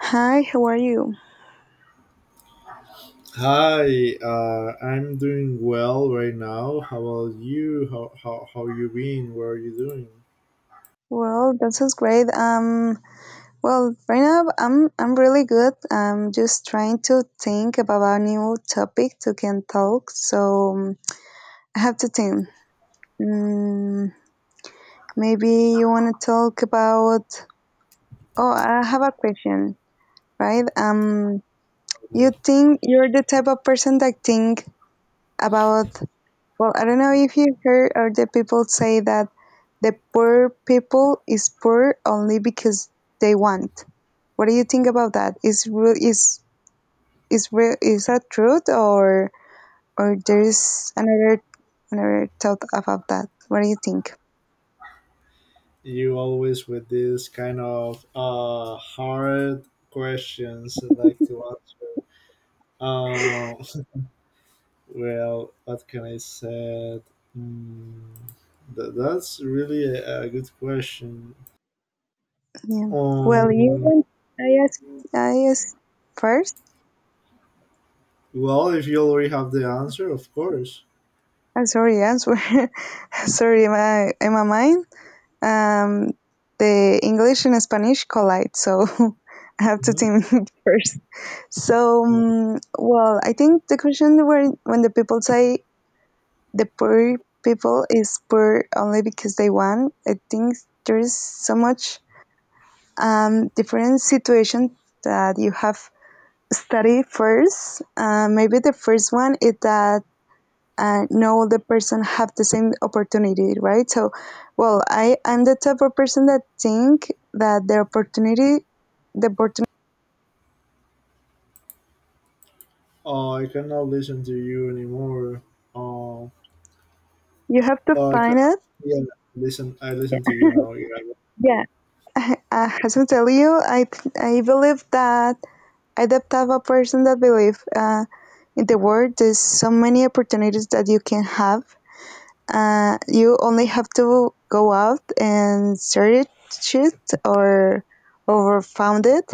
Hi, how are you? Hi, I'm doing well right now. How about you? How you been? What are you doing? Well, that sounds great. Well, right now I'm really good. I'm just trying to think about a new topic to can talk. So I have to think. Mm, maybe you want to talk about. Oh, I have a question. Right? You Okay. think you're the type of person that think about. Well, I don't know if you heard or the people say that the poor people is poor only because they want. What do you think about that? Is real is that truth or there's another thought about that? What do you think? You always with this kind of hard questions I like to ask. Um, well, what can I say? Mm, that's really a good question. Yeah. Well, you Um, want I ask I ask first. well, if you already have the answer, of course. I'm sorry, answer. Sorry, my am I mind? Um, the English and Spanish collide, so I have to Mhm. think first. Well, I think the question where when the people say the poor people is poor only because they want, I think there is so much different situation that you have study first. Maybe the first one is that and no other person have the same opportunity, right? So, well, I'm the type of person that think that the opportunity I cannot listen to you anymore. Uh, you have to I can, find it. yeah, listen. I listen to you now. Yeah, Yeah, as I tell you, I believe that I the type of person that believe in the world. There's so many opportunities that you can have. You only have to go out and search it or found it,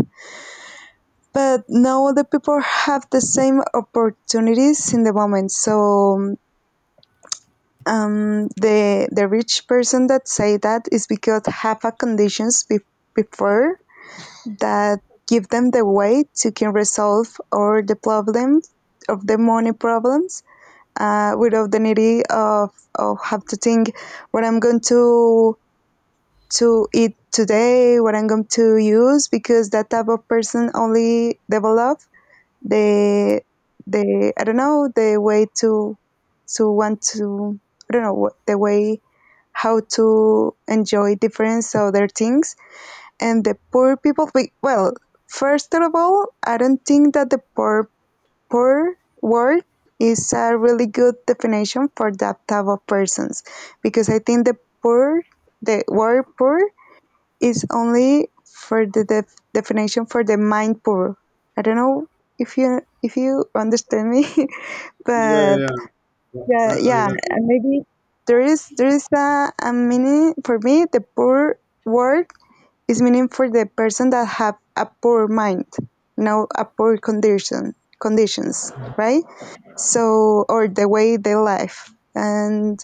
but now other people have the same opportunities in the moment, so the rich person that say that is because have a conditions before that give them the way to can resolve all the problems of the money problems, without the need of, of have to think what I'm going to eat today, what I'm going to use, because that type of person only develop the I don't know the way to want to. I don't know what the way, how to enjoy different other things. And the poor people we, well, first of all I don't think that the poor word is a really good definition for that type of persons, because I think the poor the word poor is only for the definition for the mind poor. I don't know if you understand me, yeah, but yeah, yeah. Yeah, I yeah, got you. and maybe there is a meaning for me. The poor word is meaning for the person that have a poor mind, no a poor condition conditions, right? So, or the way they live, and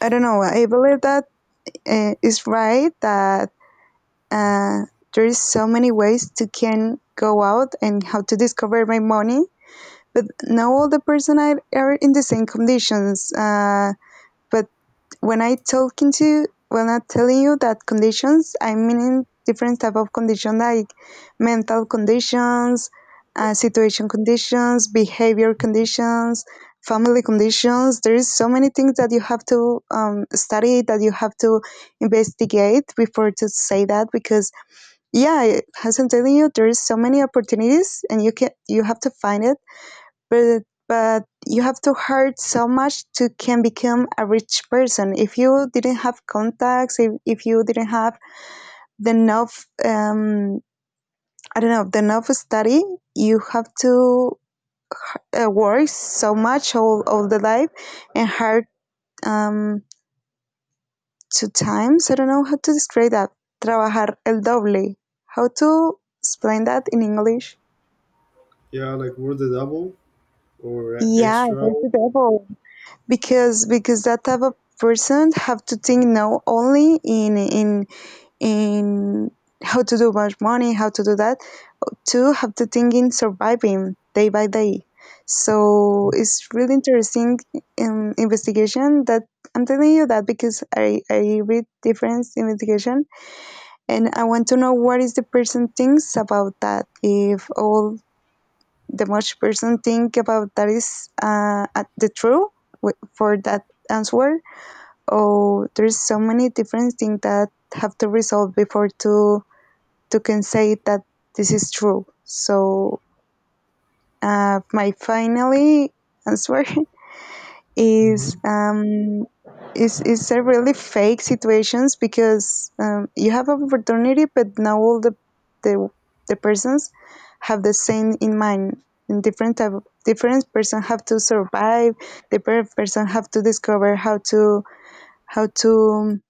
I don't know. I believe that is right that. Uh, there is so many ways to can go out and how to discover my money, but not all the person are in the same conditions. But when I talking to, when I telling you that conditions, I mean different type of condition like mental conditions, situation conditions, behavior conditions, family conditions. There is so many things that you have to study, that you have to investigate before to say that, because yeah, as I'm telling you, there's so many opportunities, and you have to find it, but you have to hurt so much to can become a rich person. If you didn't have contacts, if you didn't have the enough, I don't know, the enough study, you have to work so much all the life and hard um, two times. I don't know how to describe that. Trabajar el doble. How to explain that in English? Yeah, like we're the double or Yeah, extra. that's the devil. Because that type of person have to think now only in in how to do much money, how to do that. Two have to think in surviving day by day. So it's really interesting investigation that I'm telling you that, because I read different investigation and I want to know what is the person thinks about that, if all the most person think about that is at the true for that answer, or there's so many different things that have to resolve before to can say that this is true. So my finally answer is Mm-hmm. um is a really fake situations, because you have an opportunity but now all the the persons have the same in mind, and different type of, different person have to survive. The person have to discover how to how to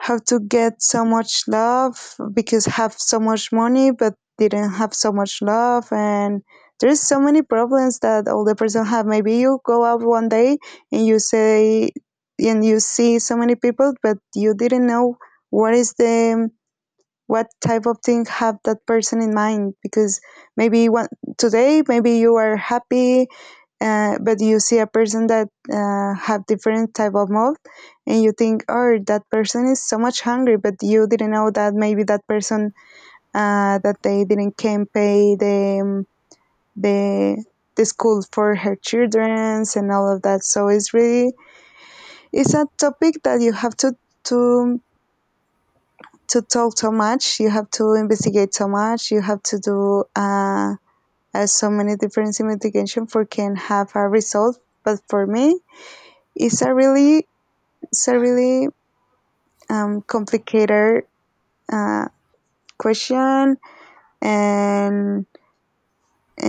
how to get so much love, because have so much money but didn't have so much love. And there's so many problems that older person have. Maybe you go out one day and you say and you see so many people but you didn't know what is the what type of thing have that person in mind, because maybe one today maybe you are happy, but you see a person that have different type of mood, and you think oh that person is so much hungry but you didn't know that maybe that person that they didn't can pay the the the school for her childrens and all of that. So it's really, it's a topic that you have to to talk so much. You have to investigate so much. You have to do so many different investigation for can have a result. But for me, it's a really, it's a really complicated uh, question, and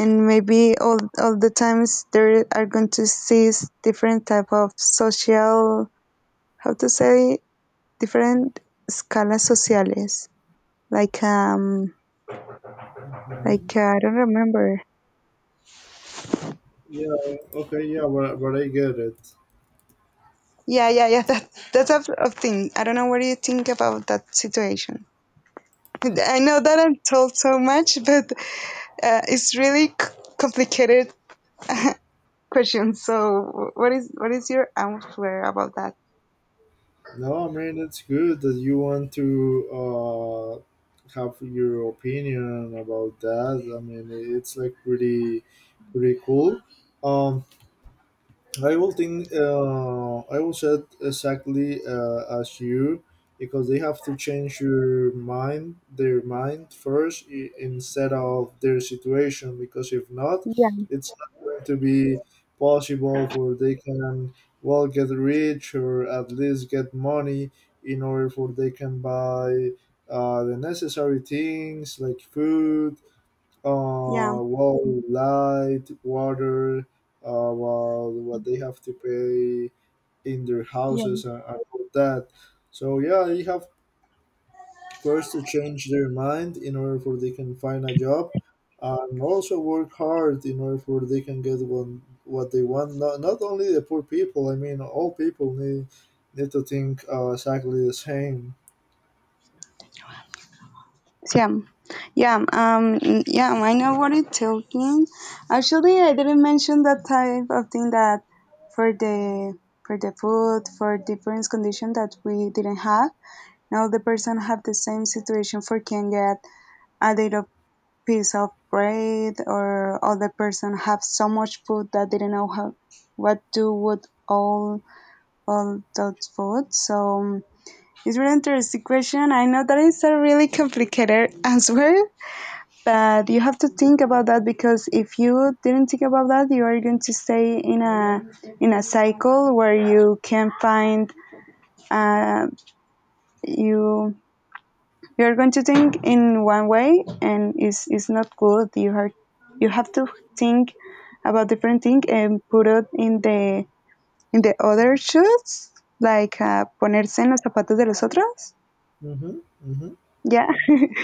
maybe all the times there are going to see different type of social, how to say, different escalas sociales. Like um, Hmm. like I don't remember. Yeah. Okay. Yeah, but I get it. Yeah, yeah, yeah, That that's a thing. I don't know what do you think about that situation. I know that I'm told so much, but it's really c- complicated question. So, what is your answer about that? No, I mean it's good that you want to uh have your opinion about that. I mean it's like pretty cool. Um, I will think. I will said exactly as you, because they have to change your mind, their mind first, instead of their situation. Because if not, Yeah, it's not going to be possible for they can well get rich or at least get money in order for they can buy the necessary things like food, yeah, well, light, water, well, what they have to pay in their yeah, houses and all that. So yeah, they have first to change their mind in order for they can find a job, and also work hard in order for they can get one what they want. Not only the poor people. I mean, all people need to think exactly the same. yeah, yeah. Yeah. I know what it talking. Actually, I didn't mention that type of thing that for the food for different condition that we didn't have. Now the person have the same situation for can get a little piece of bread, or other person have so much food that they don't know how what do with all that food. So it's really interesting question. I know that is a really complicated answer, but you have to think about that, because if you didn't think about that, you are going to stay in a cycle where you can find uh, you you're going to think in one way and it's not good. You have to think about different thing and put it in the other shoes, like ponerse en los zapatos de los otros. Mm-hmm, mm-hmm, Yeah,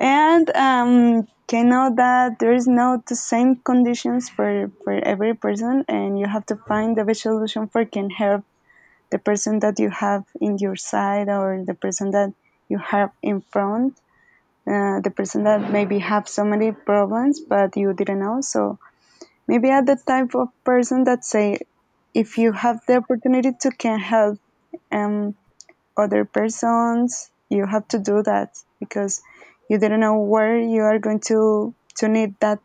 and can know that there is not the same conditions for every person, and you have to find the best solution for can help the person that you have in your side, or the person that you have in front, the person that maybe have so many problems but you didn't know. So maybe are the type of person that say, if you have the opportunity to can help um, other persons you have to do that, because you didn't know where you are going to need that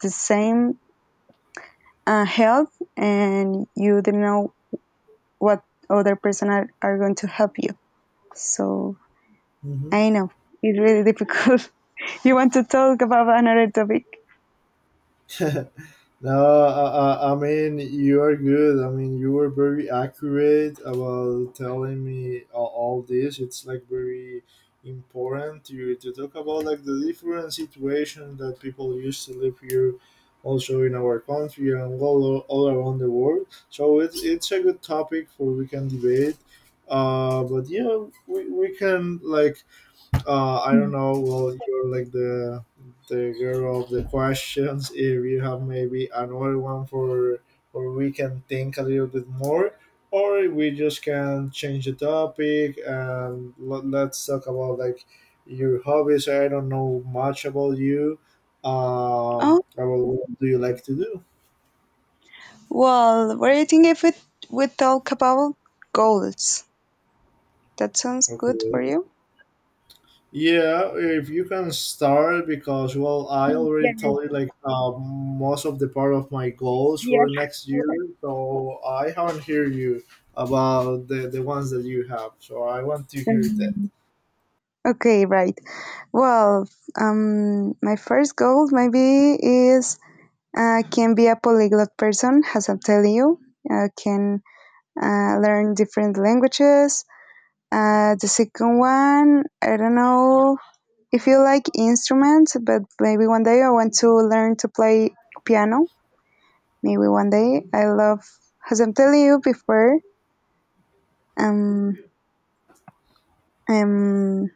the same help. And you didn't know what other person are going to help you. So mm-hmm. I know it's really difficult. You want to talk about another topic? No, I mean, you are good. I mean, you were very accurate about telling me all this. It's like very important to talk about like the different situation that people used to live here, also in our country and all around the world. So it's a good topic for we can debate. But yeah, we can like I don't Mm. know. Well, you're like the girl of the questions. If you have maybe another one for or we can think a little bit more, or we just can change the topic and let's talk about like your hobbies. I don't know much about you. Oh, About what do you like to do? well, what do you think if it, we talk about goals? That sounds good for Okay. you? Yeah, if you can start because well, I already told you like most of the part of my goals for next year, so I haven't heard you about the ones that you have. So I want to hear that. Okay, right. Well, my first goal maybe is can be a polyglot person, as I'm telling you. I can learn different languages. The second one, I don't know if you like instruments, but maybe one day I want to learn to play piano. Maybe one day I love, as I'm telling you before, Um, um,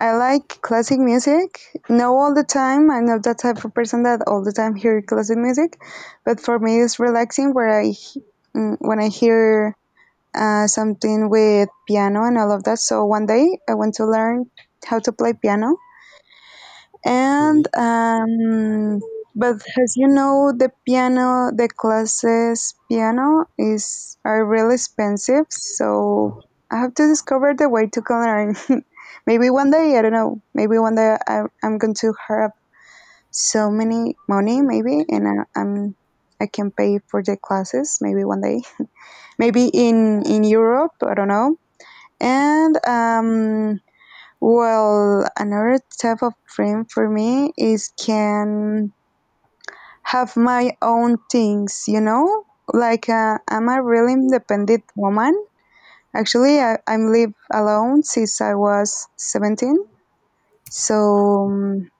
I like classic music. No, all the time. I'm not that type of person that all the time hear classic music, but for me, it's relaxing. Where I he- mm, when I hear something with piano and all of that. So one day I want to learn how to play piano, Okay. and but as you know the piano the classes piano is are really expensive, so I have to discover the way to can learn. Maybe one day I don't know, maybe one day I'm going to have so many money maybe, and I'm I can pay for the classes maybe one day, maybe in europe I don't know. And well, another type of dream for me is can have my own things, you know? Like I'm a really independent woman. Actually, I'm live alone since I was 17. So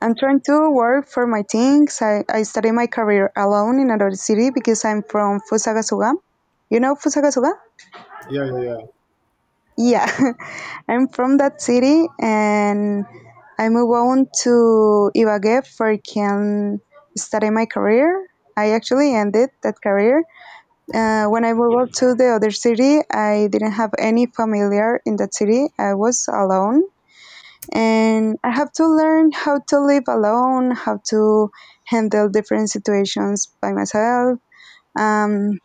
I'm trying to work for my things. I started my career alone in another city because I'm from Fusagasugá. You know Fusagasugá? Yeah, yeah, yeah. Yeah. I'm from that city and I move on to Ibagué for I can study my career. I actually ended that career. When I moved on to the other city, I didn't have any familiar in that city. I was alone and I have to learn how to live alone, how to handle different situations by myself. Um,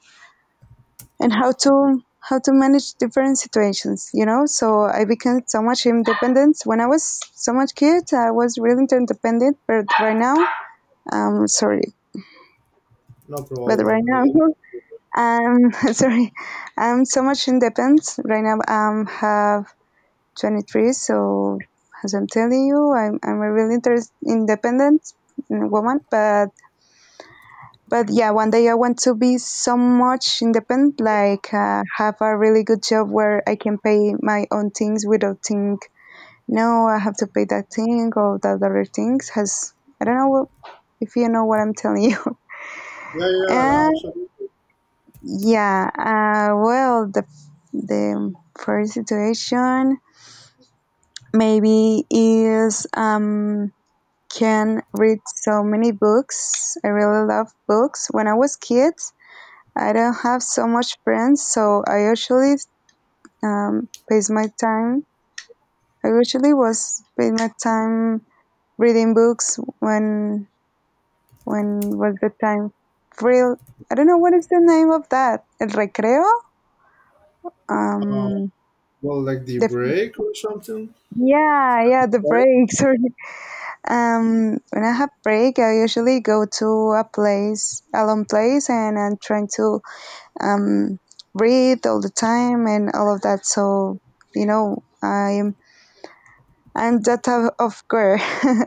and how to manage different situations, you know, so I became so much independent. When I was so much kid, I was really independent, but right now. Sorry. No But right problem. now It- um sorry, I'm so much independent right now. Have 23, so as I'm telling you, I'm a really independent woman, but yeah, one day I want to be so much independent, like have a really good job where I can pay my own things without think, no, I have to pay that thing or that other things. Has, I don't know if you know what I'm telling you. yeah, yeah, no, And absolutely. yeah, well, the first situation maybe is can read so many books. I really love books. When I was kid, I don't have so much friends, so I usually pass my time. I usually was pass my time reading books when was the time real. I don't know what is the name of that. El recreo. Uh, Um, well, like the the break or something. yeah, the Right? break. Sorry. When I have break, I usually go to a place, a long place, and I'm trying to um, breathe all the time and all of that. So you know, I'm that type of girl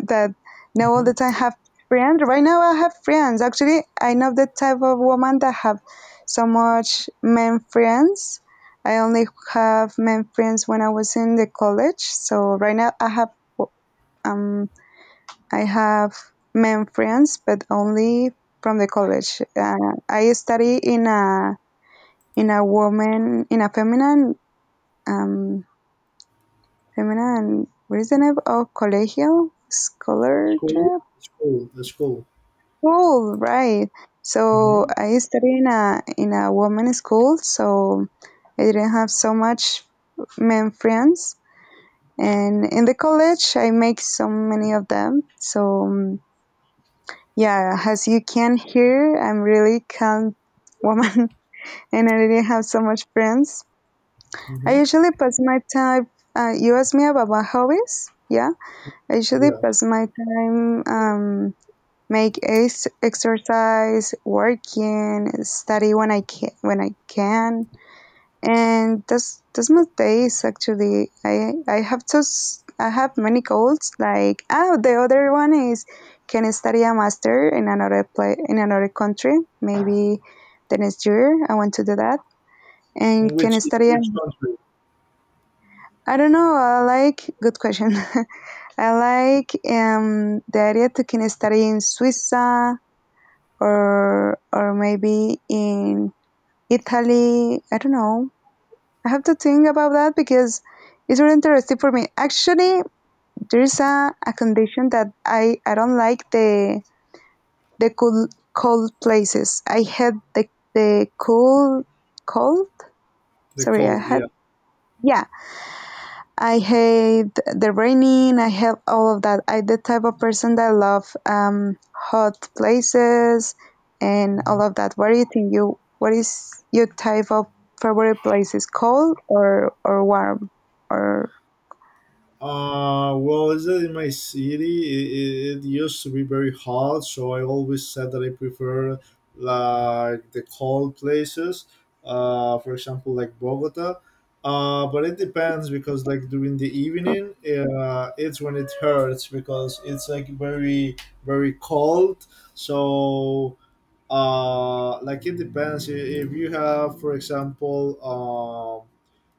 that know all the Mm-hmm. time have friends. Right now, I have friends. Actually, I know the type of woman that have so much men friends. I only have men friends when I was in the college. So right now, um I have men friends, but only from the college. I study in a woman in a feminine um feminine reasonable or collegial School, scholarship school, the school. role, right? So Mm-hmm. I studied in a woman's school. So I didn't have so much men friends, and in the college I make so many of them. So yeah, as you can hear, I'm really calm woman and I didn't have so much friends. I Mm-hmm. usually pass my time, you asked me about my hobbies? Yeah. I usually Yeah. pass my time, make exercise, working, study when I can, when I can. And that's my days actually. I have to, I have many goals like, oh, the other one is can I study a master in another play in another country? Maybe the next year I want to do that. And can I In study, which country? I don't know. I like good question. I like the idea to can study in Suiza or maybe in Italy. I don't know. I have to think about that because it's really interesting for me. Actually, there's a condition that I don't like the cold places. I had the cold. The Sorry, I cold. had, Yeah. yeah, I hate the raining. I hate all of that. I'm the type of person that love hot places and Mm-hmm. all of that. What do you think? You what is your type of favorite places? Cold or warm or Well, is that in my city? It used to be very hot, so I always said that I prefer like the cold places. For example, like Bogota. But it depends because like during the evening, it's when it hurts because it's like very cold. So like it depends if you have, for example,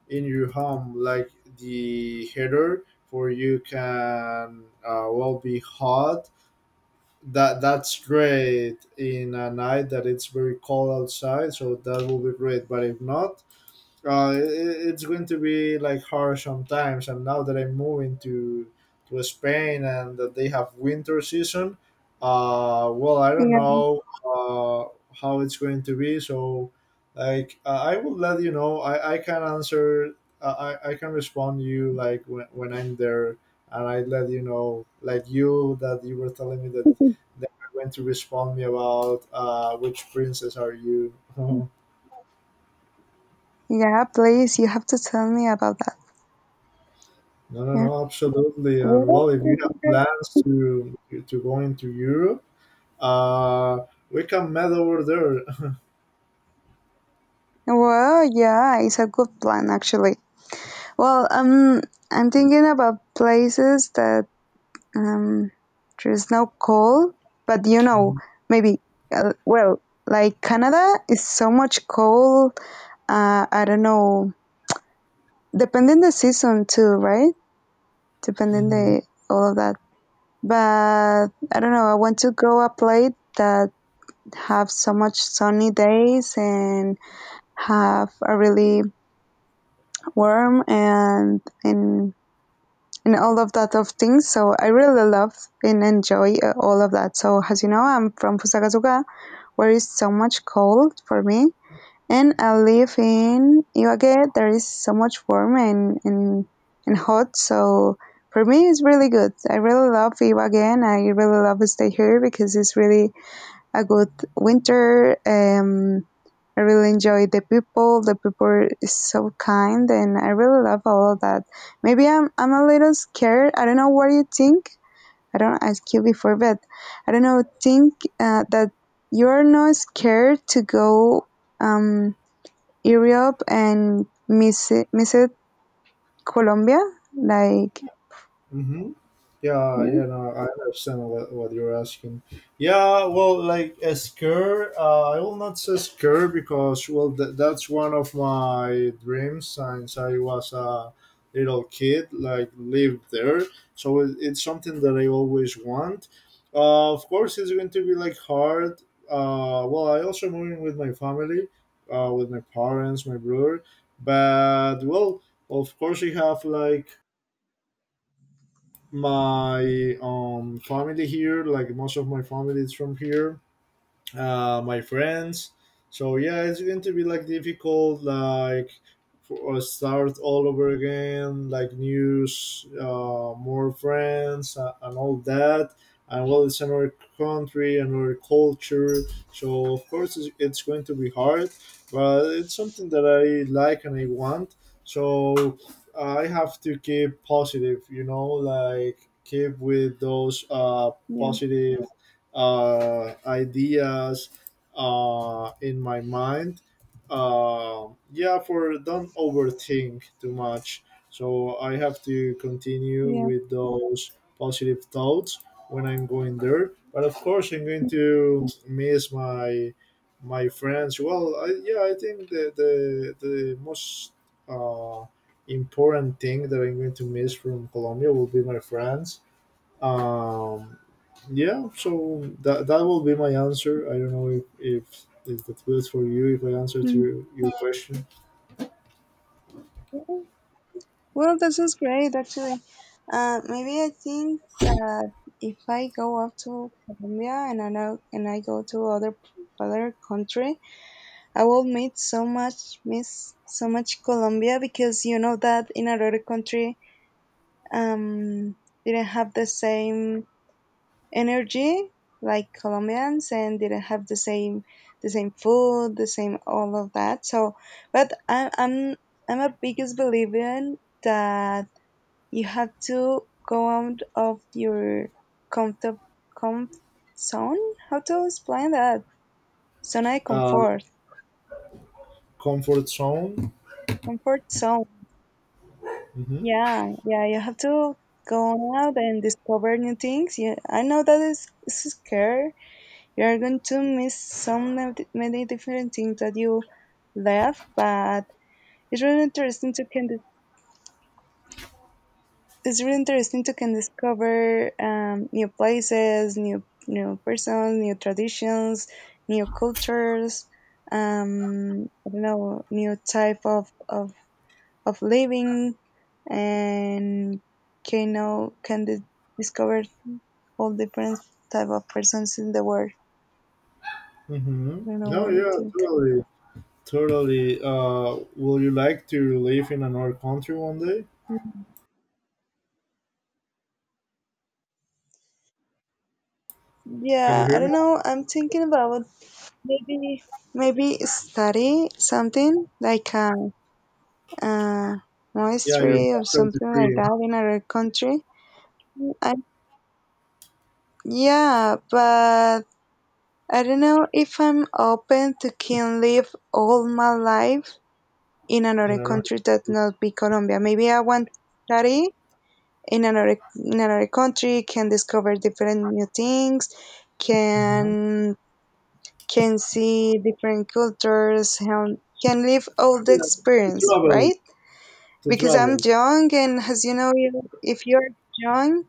in your home, like the heater for you can well be hot. That's great in a night that it's very cold outside, so that will be great. But if not, uh, it, it's going to be like harsh sometimes. And now that I'm moving to Spain and that they have winter season, well, I don't yeah, know how it's going to be. So, like, I will let you know. I can answer. I can respond you like when I'm there, and I let you know like you that you were telling me that. That you're going to respond me about which princess are you? yeah. Please, you have to tell me about that. No, no, Yeah. no, absolutely. Well, And well, if you have well, plans to go into Europe, uh, we can meet over there. yeah, it's a good plan actually. Well, I'm thinking about places that Um, there's no cold, but you know, maybe, well, like Canada is so much cold. I don't know, depending the season too, right? Depending Hmm. the all of that. But I don't know. I want to go a place that have so much sunny days and have a really warm and and all of that of things. So I really love and enjoy all of that. So as you know, I'm from Fusagasugá, where is so much cold for me and I live in Ibagué. There is so much warm and hot. So for me, it's really good. I really love Ibagué and I really love to stay here because it's really a good winter. I really enjoy the people. The people is so kind and I really love all of that. Maybe I'm a little scared. I don't know what you think. I don't ask you before, but I don't know. Think that you're not scared to go um, Europe and miss it, Colombia, like Hmm. Yeah, no, yeah, no, I understand what you're asking. Yeah, well, like a scare, I will not say scare because, well, that's one of my dreams since I was a little kid, like lived there. So it's something that I always want. Of course, it's going to be like hard. Well, I also moving with my family, with my parents, my brother, but well, of course, you have like my family here like most of my family is from here, my friends. So yeah, it's going to be like difficult, like for, start all over again, like news, more friends, and all that. And well, it's another country, another culture. So of course, it's going to be hard, but it's something that I like and I want. So I have to keep positive, you know, like keep with those yeah, positive ideas in my mind. Yeah, for don't overthink too much. So I have to continue yeah. with those positive thoughts when I'm going there. But of course, I'm going to miss my my friends. Well, I, yeah, I think the most uh, important thing that I'm going to miss from Colombia will be my friends, um, yeah, so that will be my answer. I don't know if that was for you, if I answer to Mhm. Your question. Well, this is great, actually. Maybe I think that if I go up to Colombia and I know, and I go to other country, I will meet so much, miss so much Colombia because you know that in another country um, didn't have the same energy like Colombians and didn't have the same food, the same all of that. So, but I'm a biggest believer in that you have to go out of your comfort comfort zone. How to explain that? Zone I Uh, comfort zone. comfort zone. Mm-hmm. Yeah, yeah. You have to go out and discover new things. Yeah, I know that is it's scary. You are going to miss so many, many different things that you left, but it's really interesting to can dis- it's really interesting to can discover, new places, new new persons, new traditions, new cultures, I don't know, new type of living, and can know can di- discover all different type of persons in the world. Mm-hmm. I don't know No, what you yeah, think. totally. Totally. Will you like to live in another country one day? Can you Yeah, I hear me? don't know. I'm thinking about maybe maybe study something like a, uh Yeah, you're mastery or part of the something like free that in another country. I, yeah, but I don't know if I'm open to can live all my life in in another another country that not be Colombia. Maybe I want to study in another country, can discover different new things, hmm can can see different cultures and can live all the yeah, to experience, travel. right? To Because I'm travel. young, and as you know, if you're young,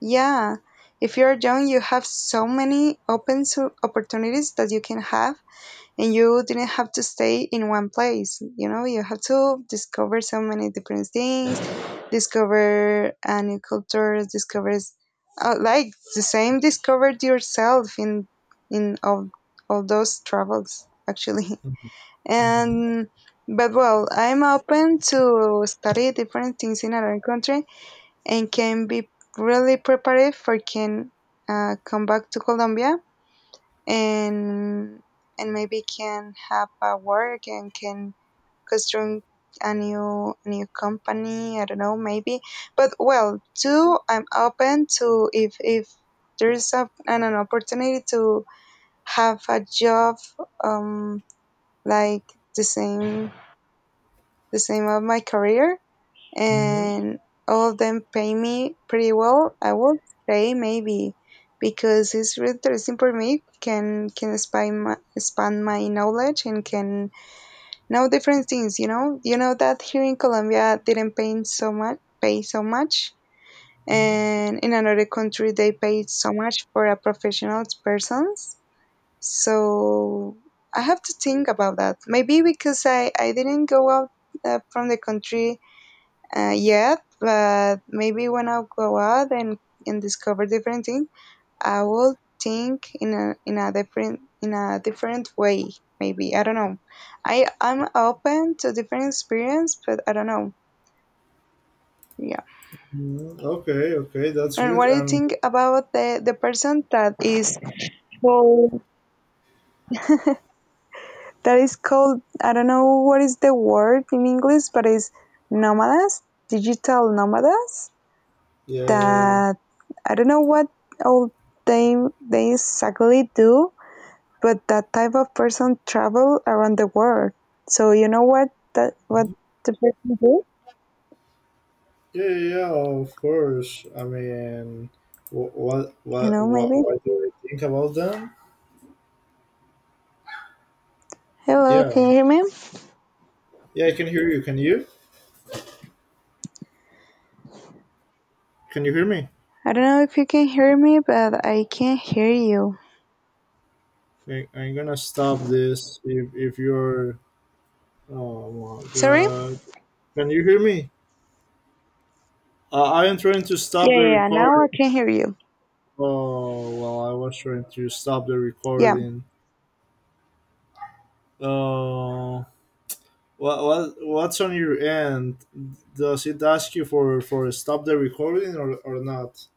yeah, if you're young, you have so many open opportunities that you can have and you didn't have to stay in one place. You know, you have to discover so many different things, discover a new culture, discovers, like the same, discovered yourself in in all, all those travels actually, Mm-hmm. and but well, I'm open to study different things in another country and can be really prepared for can come back to Colombia and and maybe can have a work and can construct a new company. I don't know, maybe. But well too, I'm open to if there's an opportunity to have a job, um like the same the same of my career Mm-hmm. and all of them pay me pretty well. I would say maybe because it's really interesting for me. Can expand my knowledge and can know different things. You know that here in Colombia didn't pay so much, Mm-hmm. and in another country they pay so much for a professional persons. So I have to think about that. Maybe because I didn't go out from the country. Yeah, but maybe when I go out and discover different things, I will think in a different way. Maybe I don't know. I'm open to different experience, but I don't know. Yeah. Mm-hmm. Okay, okay, that's And good. what do you And think about the person that is called that is called, I don't know what is the word in English, but is nomadas, digital nomadas? yeah, yeah, yeah. That, I don't know what all they exactly do, but that type of person travel around the world. So you know what that what Yeah, the person do? yeah, yeah, of course. I mean, You know maybe. what do I think about them? Hello, Yeah, can you hear me? yeah, I can hear you. Can you? Can you hear me? I don't know if you can hear me, but I can't hear you. I'm gonna stop this if you're. Oh my Sorry? god. Can you hear me? I am trying to stop the Yeah, now I recording. can hear you. Oh, well, I was trying to stop the Yeah. recording. Uh, what's on your end? Does it ask you for stop the recording or not?